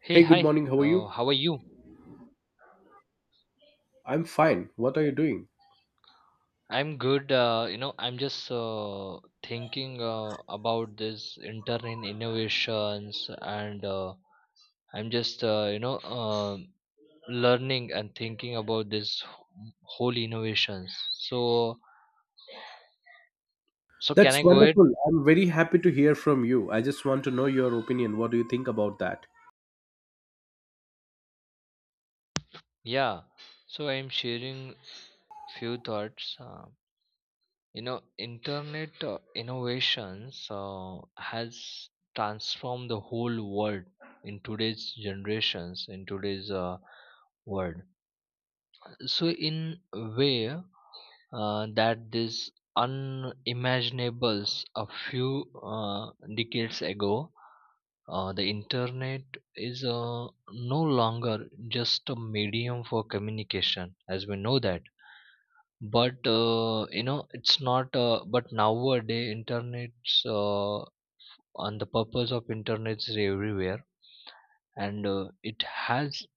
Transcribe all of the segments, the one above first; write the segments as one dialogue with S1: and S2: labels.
S1: Hey,
S2: Hey, good
S1: hi.
S2: morning. How are you?
S1: How are you?
S2: I'm fine. What are you doing?
S1: I'm good. I'm just thinking about this internet innovations, and I'm just learning and thinking about this whole innovations. So, so can I
S2: That's
S1: go ahead?
S2: wonderful. I'm very happy to hear from you. I just want to know your opinion. What do you think about that?
S1: Yeah. So I'm sharing few thoughts. You know, internet innovations has transformed the whole world in today's generations in today's world, so in a way that this unimaginables a few decades ago. The internet is no longer just a medium for communication, as we know that. But, it's not, but nowadays, internet's, and the purpose of internet is everywhere, and it has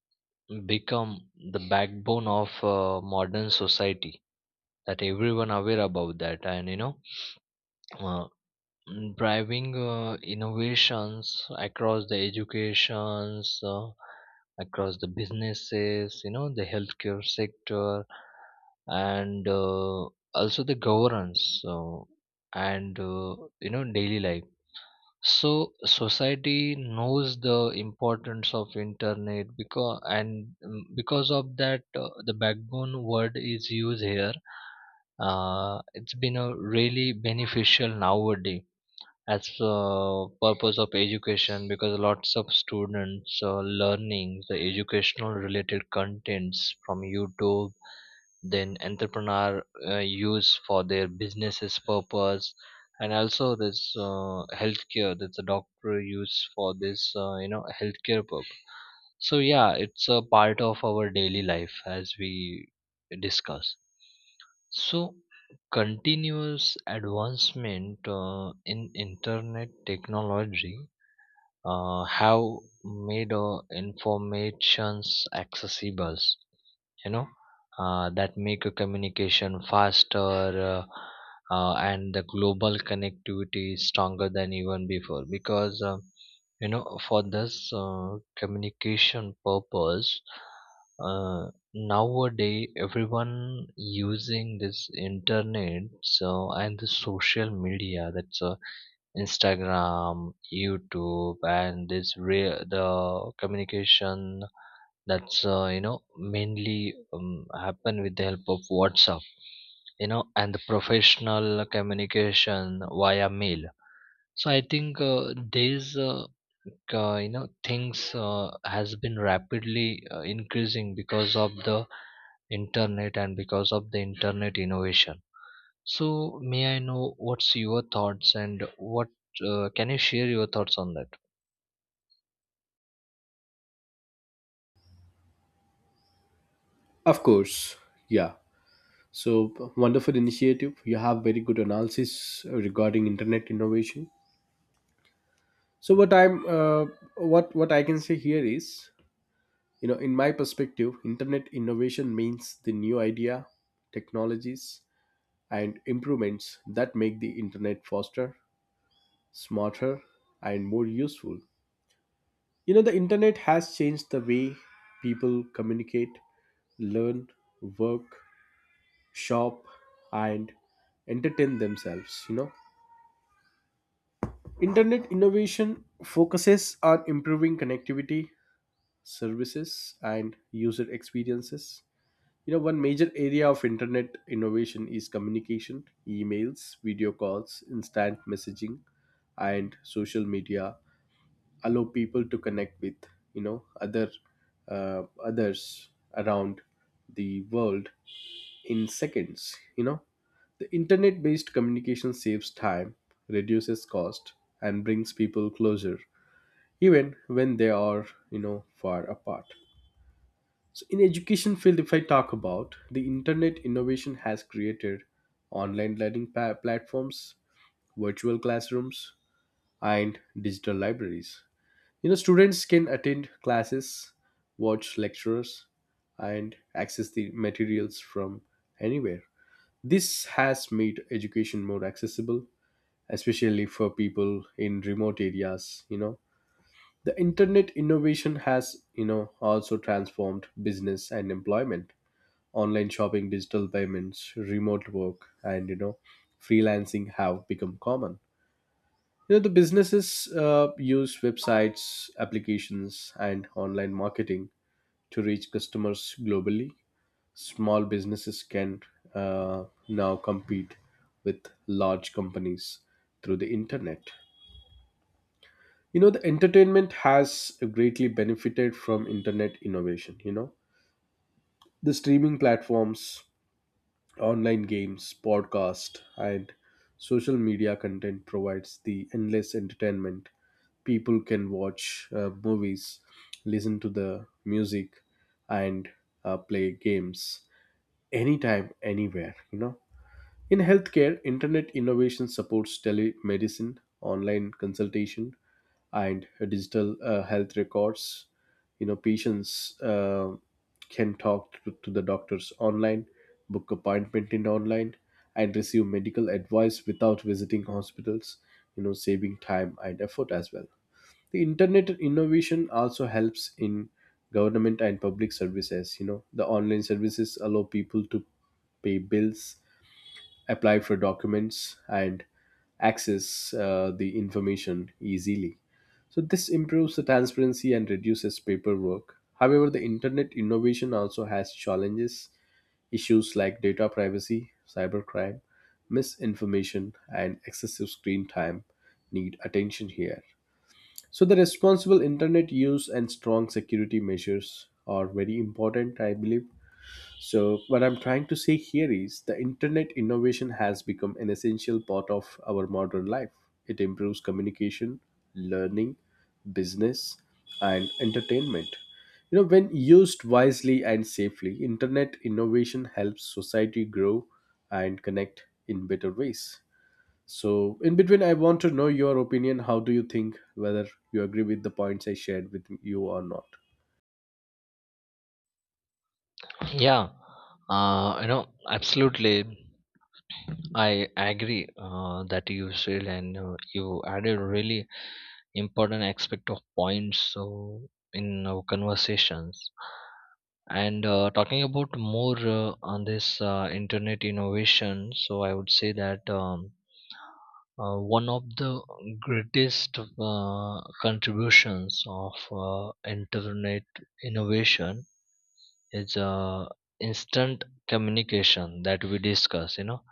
S1: become the backbone of modern society, that everyone aware about that. And uh, driving innovations across the educations, across the businesses, you know, the healthcare sector, and also the governance, so, and you know, daily life. So society knows the importance of internet because, and because of that, the backbone word is used here. It's been a really beneficial nowadays as purpose of education, because lots of students learning the educational related contents from youtube. Then entrepreneur use for their businesses purpose, and also this healthcare, that's a doctor use for this you know, healthcare purpose. So yeah, it's a part of our daily life, as we discuss. So, continuous advancement in internet technology have made informations accessible. You know that make a communication faster, and the global connectivity stronger than even before. Because. You know, for this communication purpose, uh, nowadays everyone using this internet. So, and the social media, that's instagram, youtube, and this real, the communication, that's you know, mainly happen with the help of whatsapp, you know, and the professional communication via mail. So I think these you know, things has been rapidly increasing because of the internet, and because of the internet innovation. So, may I know what's your thoughts, and what can you share your thoughts on that?
S2: Of course. Yeah. So, wonderful initiative. You have very good analysis regarding internet innovation. So, what I can say here is, you know, in my perspective, internet innovation means the new idea, technologies and improvements that make the internet faster, smarter and more useful. You know, the internet has changed the way people communicate, learn, work, shop, and entertain themselves. You know, internet innovation focuses on improving connectivity, services, and user experiences. You know, one major area of internet innovation is communication, emails, video calls, instant messaging, and social media allow people to connect with you know other others around the world in seconds. You know, the internet based communication saves time, reduces cost, and brings people closer even when they are, you know, far apart. So in education field, if I talk about, the internet innovation has created online learning platforms, virtual classrooms, and digital libraries. You know, students can attend classes, watch lectures, and access the materials from anywhere. This has made education more accessible, especially for people in remote areas, you know. The internet innovation has, you know, also transformed business and employment. Online shopping, digital payments, remote work, and, you know, freelancing have become common. You know, the businesses use websites, applications, and online marketing to reach customers globally. Small businesses can, now compete with large companies through the internet. You know, the entertainment has greatly benefited from internet innovation. You know, the streaming platforms, online games, podcasts, and social media content provides the endless entertainment. People can watch movies, listen to the music, and play games anytime, anywhere, you know. In healthcare, internet innovation supports telemedicine, online consultation, and digital health records. You know, patients can talk to the doctors online, book appointment in online, and receive medical advice without visiting hospitals. You know, saving time and effort as well. The internet innovation also helps in government and public services. You know, the online services allow people to pay bills, apply for documents, and access the information easily. So this improves the transparency and reduces paperwork. However, the internet innovation also has challenges. Issues like data privacy, cybercrime, misinformation, and excessive screen time need attention here. So the responsible internet use and strong security measures are very important, I believe. So, what I'm trying to say here is the internet innovation has become an essential part of our modern life. It improves communication, learning, business, and entertainment. You know, when used wisely and safely, internet innovation helps society grow and connect in better ways. So, in between, I want to know your opinion. How do you think, whether you agree with the points I shared with you or not?
S1: Yeah, you know, absolutely. I agree that you said, and you added really important aspect of points, so in our conversations. And talking about more on this internet innovation, so I would say that one of the greatest contributions of internet innovation is instant communication, that we discuss. You know,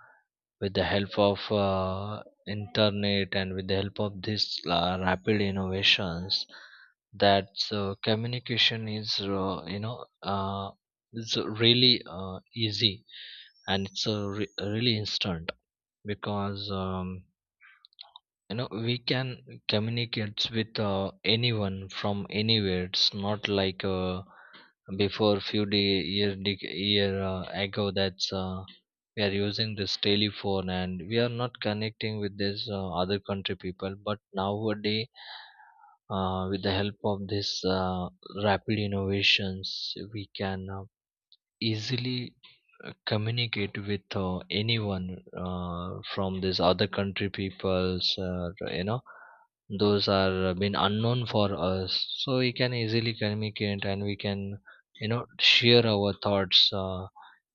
S1: with the help of internet, and with the help of this rapid innovations, that communication is is really easy, and it's really instant. Because you know, we can communicate with anyone from anywhere. It's not like before, few day year dec year ago, that's we are using this telephone, and we are not connecting with this other country people. But nowadays, with the help of this rapid innovations, we can easily communicate with anyone from this other country peoples, you know, those are been unknown for us. So we can easily communicate, and we can you know, share our thoughts.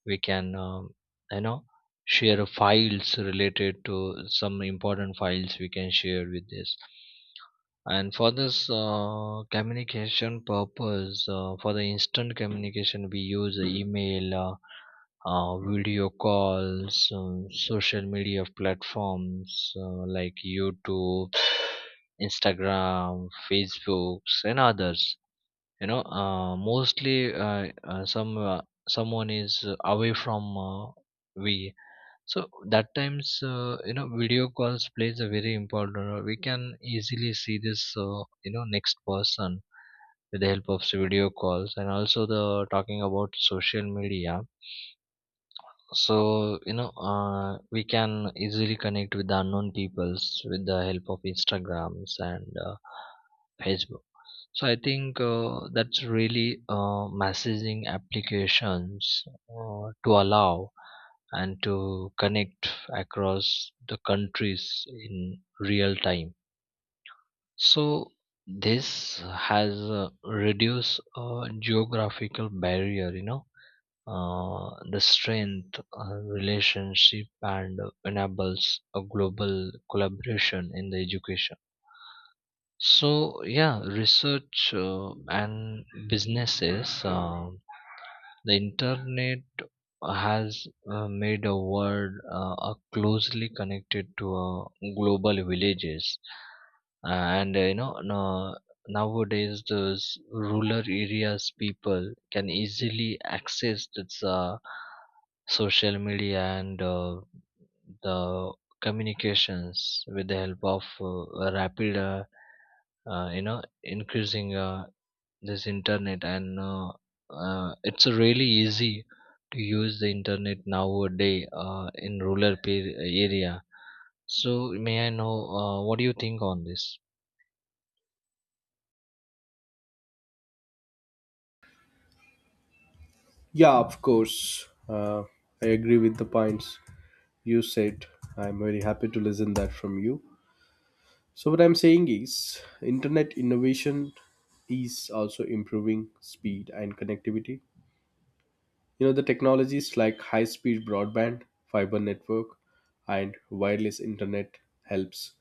S1: We can you know, share files related to some important files, we can share with this. And for this communication purpose, for the instant communication, we use email, video calls, social media platforms like YouTube, Instagram, Facebooks, and others. You know, mostly some someone is away from we. So that times, video calls plays a very important role. We can easily see this, next person with the help of video calls, and also the talking about social media. So, we can easily connect with the unknown peoples with the help of Instagrams and Facebook. So I think that's really messaging applications to allow and to connect across the countries in real time. So this has reduced geographical barrier, the strength relationship, and enables a global collaboration in the education. So yeah, research and businesses, the internet has made a world closely connected to global villages, and you know no, nowadays those rural areas people can easily access this social media, and the communications with the help of rapid, you know, increasing this internet. And it's really easy to use the internet nowadays in rural area. So, may I know what do you think on this?
S2: Yeah, of course. I agree with the points you said. I'm very happy to listen that from you. So what I'm saying is internet innovation is also improving speed and connectivity. You know, the technologies like high speed broadband, fiber network, and wireless internet helps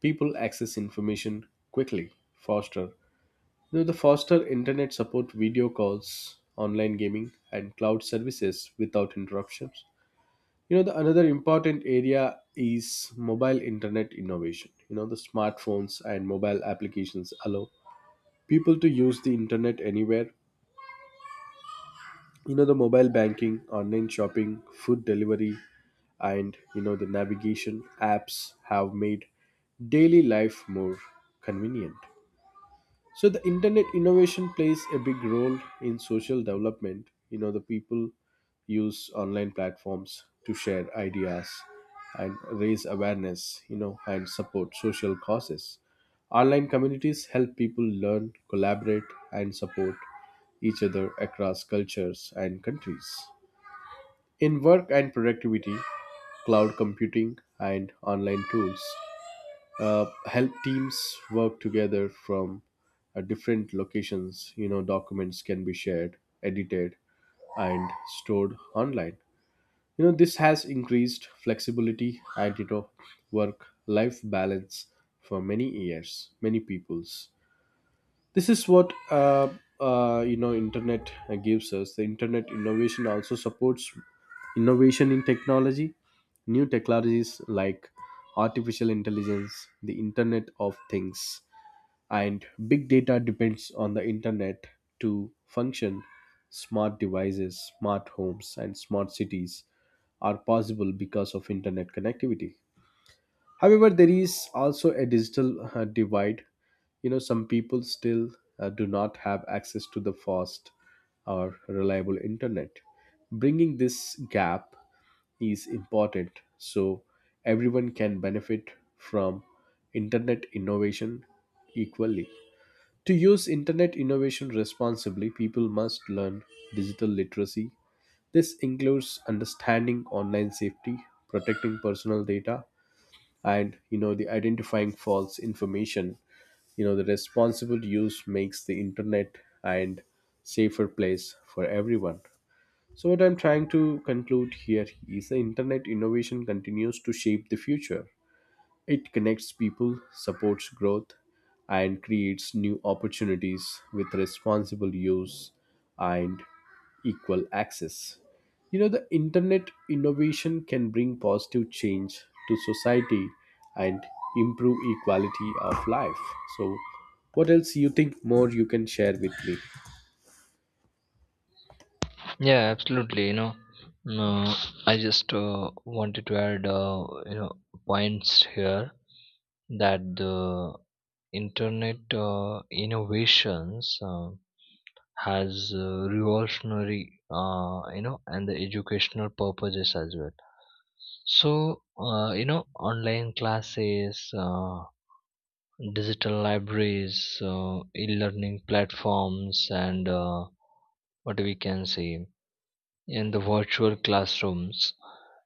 S2: people access information quickly faster. You know, the faster internet support video calls, online gaming, and cloud services without interruptions. You know, the another important area is mobile internet innovation. You know, the smartphones and mobile applications allow people to use the internet anywhere. You know, the mobile banking, online shopping, food delivery, and, you know, the navigation apps have made daily life more convenient. So the internet innovation plays a big role in social development. You know, the people use online platforms to share ideas and raise awareness, you know, and support social causes. Online communities help people learn, collaborate, and support each other across cultures and countries. In work and productivity, cloud computing and online tools help teams work together from different locations. You know, documents can be shared, edited, and stored online. You know, this has increased flexibility and, you know, work life balance for many years, many peoples. This is what, you know, internet gives us. The internet innovation also supports innovation in technology. New technologies like artificial intelligence, the internet of things, and big data depends on the internet to function. Smart devices, smart homes, and smart cities are possible because of internet connectivity. However, there is also a digital divide. You know, some people still do not have access to the fast or reliable internet. Bringing this gap is important so everyone can benefit from internet innovation equally. To use internet innovation responsibly, people must learn digital literacy. This includes understanding online safety, protecting personal data, and, you know, the identifying false information. You know, the responsible use makes the internet and safer place for everyone. So what I'm trying to conclude here is the internet innovation continues to shape the future. It connects people, supports growth, and creates new opportunities with responsible use and equal access. You know, the internet innovation can bring positive change to society and improve equality of life. So, what else you think more you can share with me?
S1: Yeah, absolutely. Uh, I just wanted to add you know, points here, that the internet innovations has revolutionary you know, and the educational purposes as well. So you know, online classes, digital libraries, e-learning platforms, and what we can say, in the virtual classrooms,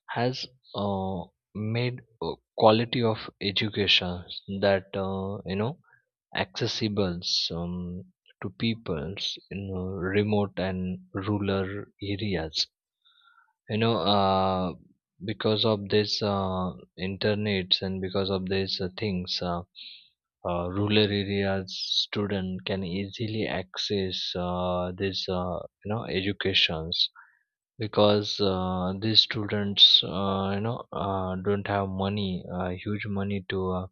S1: has uh, made quality of education, that you know, accessible um, to peoples in remote and rural areas. you know uh, because of this internets, and because of these things, rural areas student can easily access this you know, educations. Because these students, don't have money, huge money, to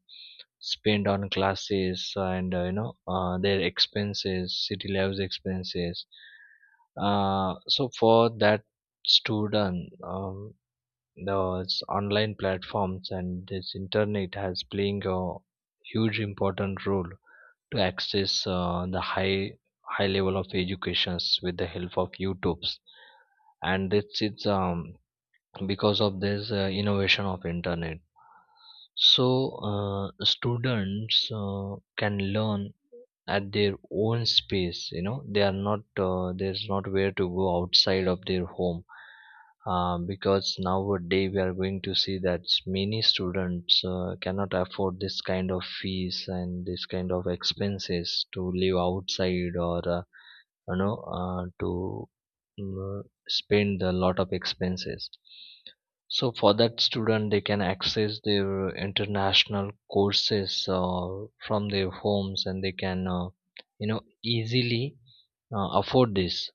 S1: spend on classes, and their expenses, city lives expenses. So for that student, those online platforms and this internet has playing a huge important role, to access the high, high level of educations with the help of YouTube's. And it's because of this innovation of internet. So students can learn at their own space. You know, they are not there's not where to go outside of their home. Because nowadays we are going to see that many students cannot afford this kind of fees and this kind of expenses to live outside, or to mm, spend a lot of expenses. So for that student, they can access their international courses from their homes, and they can you know, easily afford this.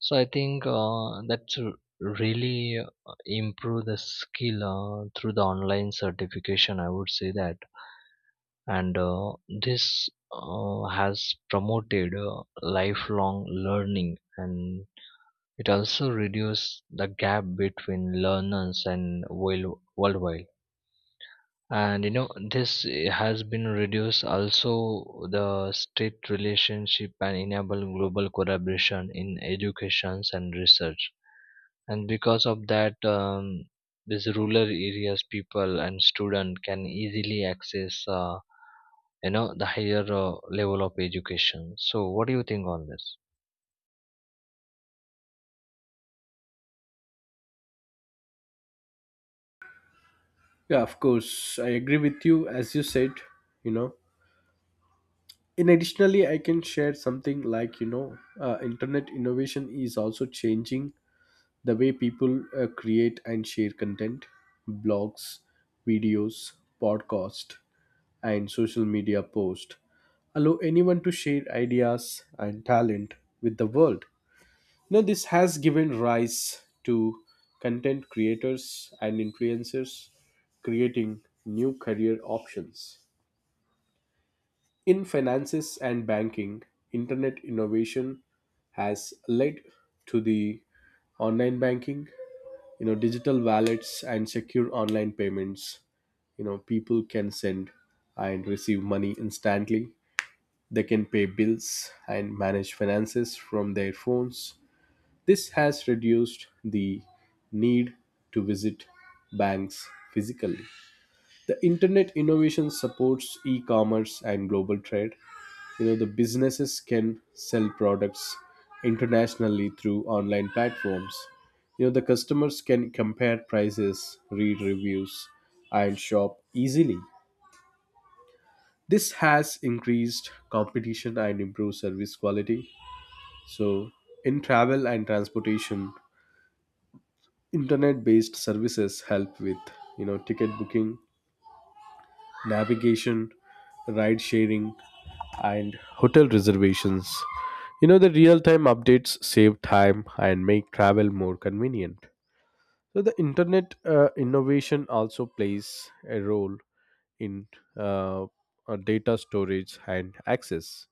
S1: So I think that's really improve the skill through the online certification, I would say that. And this has promoted lifelong learning, and it also reduces the gap between learners and worldwide. And you know, this has been reduced also the state relationship, and enable global collaboration in educations and research. And because of that, these rural areas people and student can easily access, the higher level of education. So, what do you think on this?
S2: Yeah, of course, I agree with you. As you said, you know, in additionally, I can share something like, you know, internet innovation is also changing the way people create and share content. Blogs, videos, podcast, and social media post allow anyone to share ideas and talent with the world. Now this has given rise to content creators and influencers, creating new career options. In finances and banking, internet innovation has led to the online banking, you know, digital wallets, and secure online payments. You know, people can send and receive money instantly. They can pay bills and manage finances from their phones. This has reduced the need to visit banks physically. The internet innovation supports e commerce and global trade. You know, the businesses can sell products internationally through online platforms. You know, the customers can compare prices, read reviews, and shop easily. This has increased competition and improved service quality. So in travel and transportation, internet based services help with, you know, ticket booking, navigation, ride sharing, and hotel reservations. You know, the real time updates save time and make travel more convenient. So, the internet innovation also plays a role in, uh, data storage and access.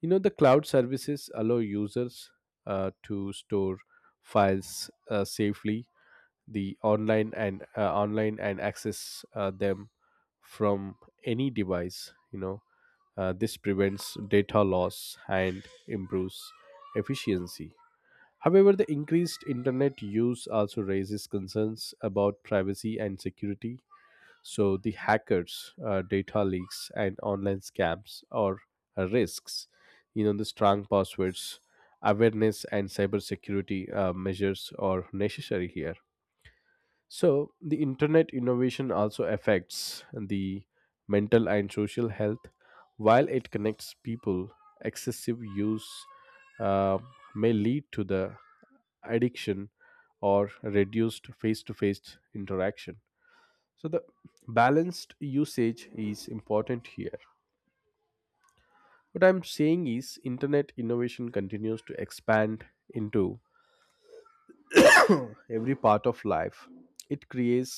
S2: You know, the cloud services allow users to store files safely the online, and access them from any device. You know, this prevents data loss and improves efficiency. However, the increased internet use also raises concerns about privacy and security. So the hackers, data leaks, and online scams are risks. You know, the strong passwords, awareness, and cybersecurity measures are necessary here. So, the internet innovation also affects the mental and social health. While it connects people, excessive use uh, may lead to the addiction or reduced face-to-face interaction. So the balanced usage is important here. What I'm saying is internet innovation continues to expand into every part of life. It creates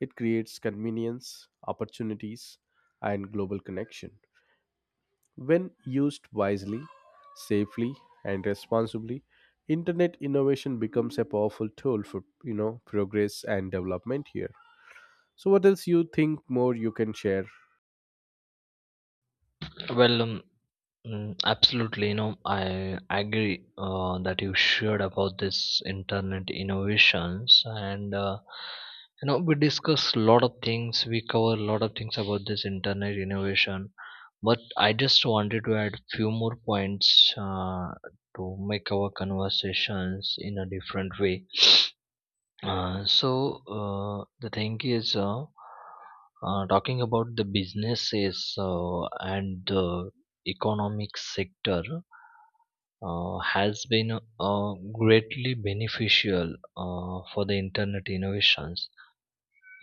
S2: it creates convenience, opportunities, and global connection. When used wisely, safely, and responsibly, internet innovation becomes a powerful tool for, you know, progress and development here. So, what else you think more you can share?
S1: Well, absolutely, I agree that you shared about this internet innovations, and we discuss a lot of things. We cover a lot of things about this internet innovation, but I just wanted to add few more points to make our conversations in a different way. The thing is. Talking about the businesses and the economic sector has been greatly beneficial for the internet innovations.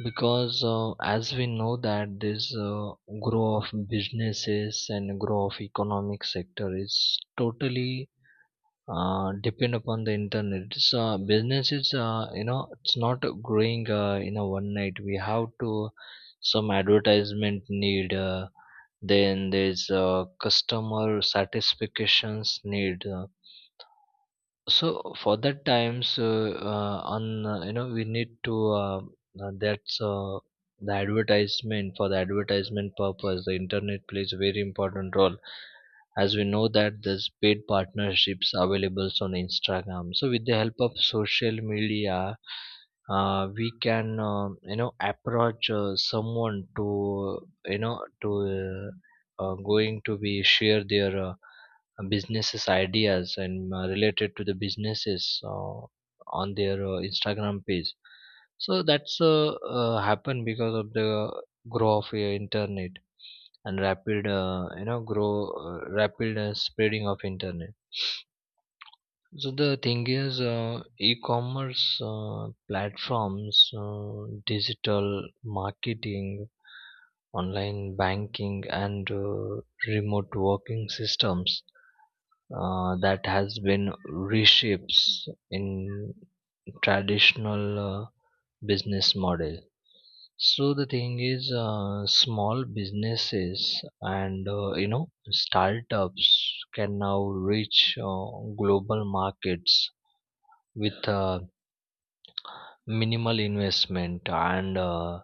S1: Because as we know that this growth of businesses and growth of economic sector is totally depend upon the internet. So businesses, you know, it's not growing in a one night. We have to, some advertisement need, then there's customer satisfactions need, so for that times, on you know we need to that's the advertisement, for the advertisement purpose, the internet plays a very important role. As we know that there's paid partnerships available on instagram, so with the help of social media, we can you know, approach someone to you know to uh, going to be share their businesses ideas, and related to the businesses on their instagram page. So that's happened because of the growth of internet, and rapid you know, grow, rapid spreading of internet. So the thing is, e-commerce platforms, digital marketing, online banking, and remote working systems, that has been reshapes in traditional business model. So the thing is, small businesses and you know, startups can now reach uh, global markets with minimal investment, and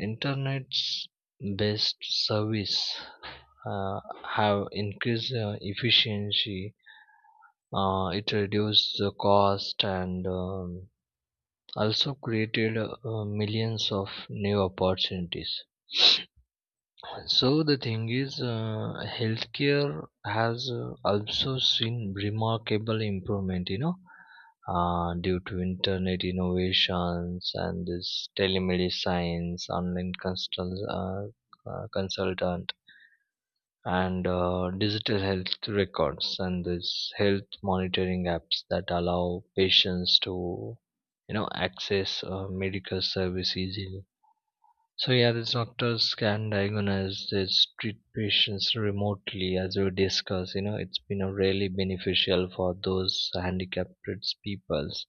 S1: internet's best service uh, have increased efficiency. It reduced the cost, and also created millions of new opportunities. So the thing is, healthcare has also seen remarkable improvement. Due to internet innovations, and this telemedicine, online consult, consultant, and digital health records, and this health monitoring apps, that allow patients to you know, access medical service easily. So yeah, these doctors can diagnose, this treat patients remotely, as we discussed. You know, it's been a really beneficial for those handicapped peoples,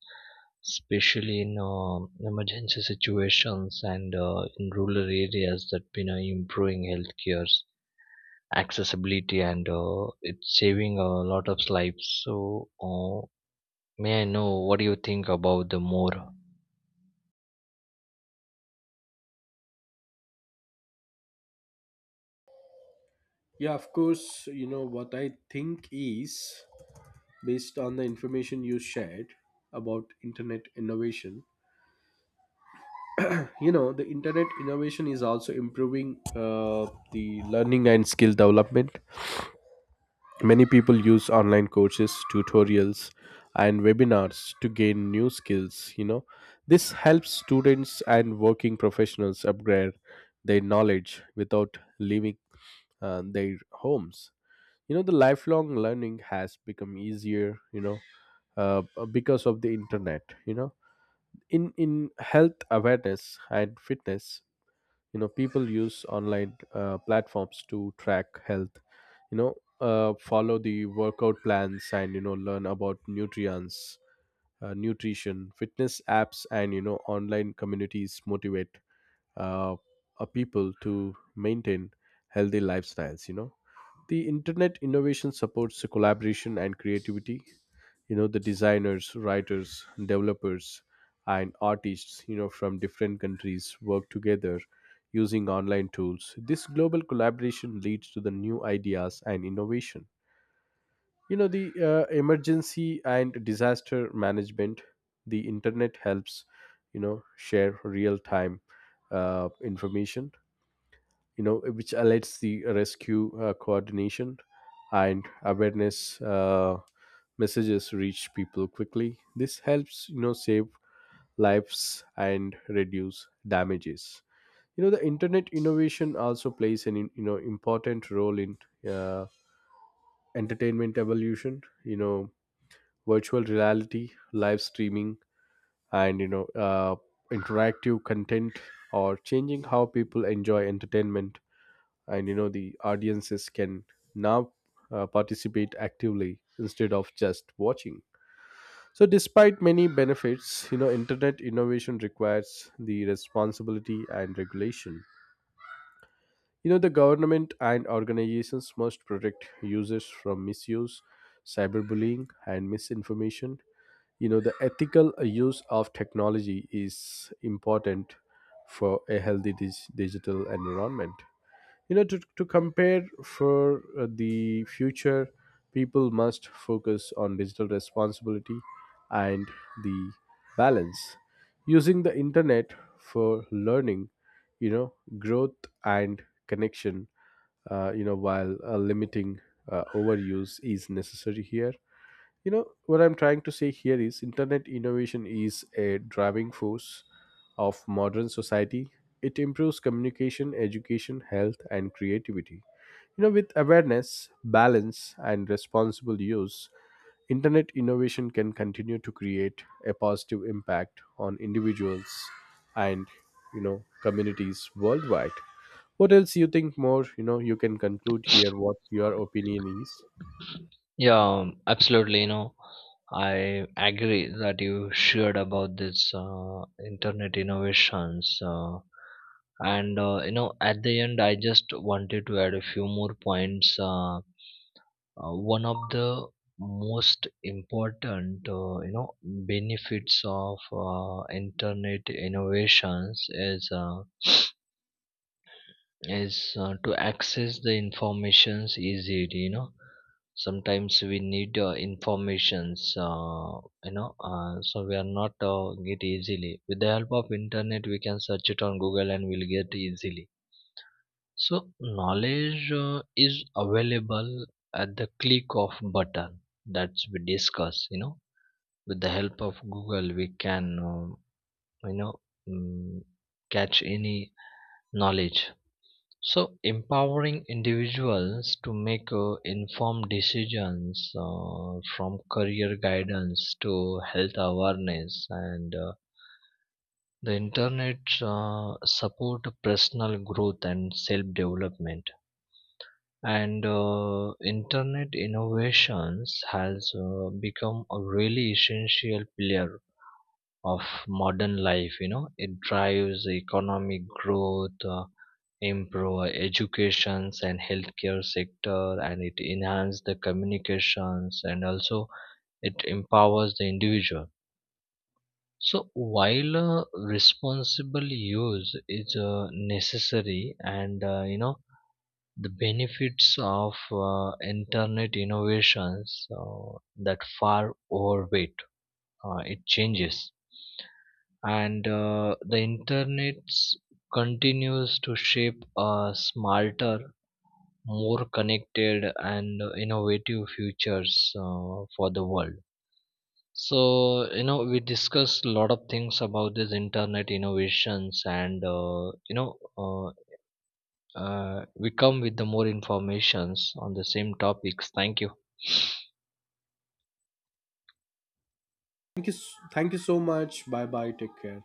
S1: especially in emergency situations, and in rural areas, that been improving healthcare accessibility, and it's saving a lot of lives. So may I know, what do you think about the more?
S2: Yeah, of course, you know what I think is, based on the information you shared about internet innovation, you know, the internet innovation is also improving the learning and skill development. Many people use online courses, tutorials, and webinars to gain new skills. You know, this helps students and working professionals upgrade their knowledge without leaving their homes. You know, the lifelong learning has become easier, you know, uh, because of the internet. You know, in health awareness and fitness, you know, people use online platforms to track health, you know, follow the workout plans, and, you know, learn about nutrients, nutrition. Fitness apps and, you know, online communities motivate, uh, people to maintain healthy lifestyles. You know, the internet innovation supports collaboration and creativity. You know, the designers, writers, developers, and artists, you know, from different countries work together using online tools. This global collaboration leads to the new ideas and innovation. You know, the emergency and disaster management, the internet helps, you know, share real time information, you know, which alerts the rescue coordination, and awareness messages reach people quickly. This helps, you know, save lives and reduce damages. You know, the internet innovation also plays an, you know, important role in uh, entertainment evolution. You know, virtual reality, live streaming, and, you know, interactive content or changing how people enjoy entertainment. And, you know, the audiences can now participate actively instead of just watching. So despite many benefits, you know, internet innovation requires the responsibility and regulation. You know, the government and organizations must protect users from misuse, cyberbullying, and misinformation. You know, the ethical use of technology is important for a healthy digital environment, you know, to compare for the future. People must focus on digital responsibility and the balance using the internet for learning, you know, growth and connection, you know, while limiting overuse is necessary here. You know, what I'm trying to say here is internet innovation is a driving force of modern society. It improves communication, education, health, and creativity. You know, with awareness, balance, and responsible use, internet innovation can continue to create a positive impact on individuals and, you know, communities worldwide. What else you think more, you know, you can conclude here, what your opinion is?
S1: Yeah, absolutely. You know, I agree that you shared about this internet innovations, and you know, at the end I just wanted to add a few more points. One of the most important you know, benefits of internet innovations is to access the informations easily. You know, sometimes we need informations, so we are not get easily. With the help of internet, we can search it on google, and we'll get easily. So knowledge is available at the click of button, that's we discuss. You know, with the help of Google, we can you know mm, catch any knowledge. So empowering individuals to make informed decisions from career guidance to health awareness, and the internet support personal growth and self development. And internet innovations has become a really essential pillar of modern life. You know, it drives economic growth, improve educations and healthcare sector, and it enhances the communications, and also it empowers the individual. So while responsible use is necessary, and you know, the benefits of internet innovations that far overweight it changes. And the internet continues to shape a smarter, more connected and innovative futures for the world. So you know, we discussed a lot of things about this internet innovations, and we come with the more informations on the same topics. Thank you.
S2: Thank you, thank you so much. Bye bye. Take care.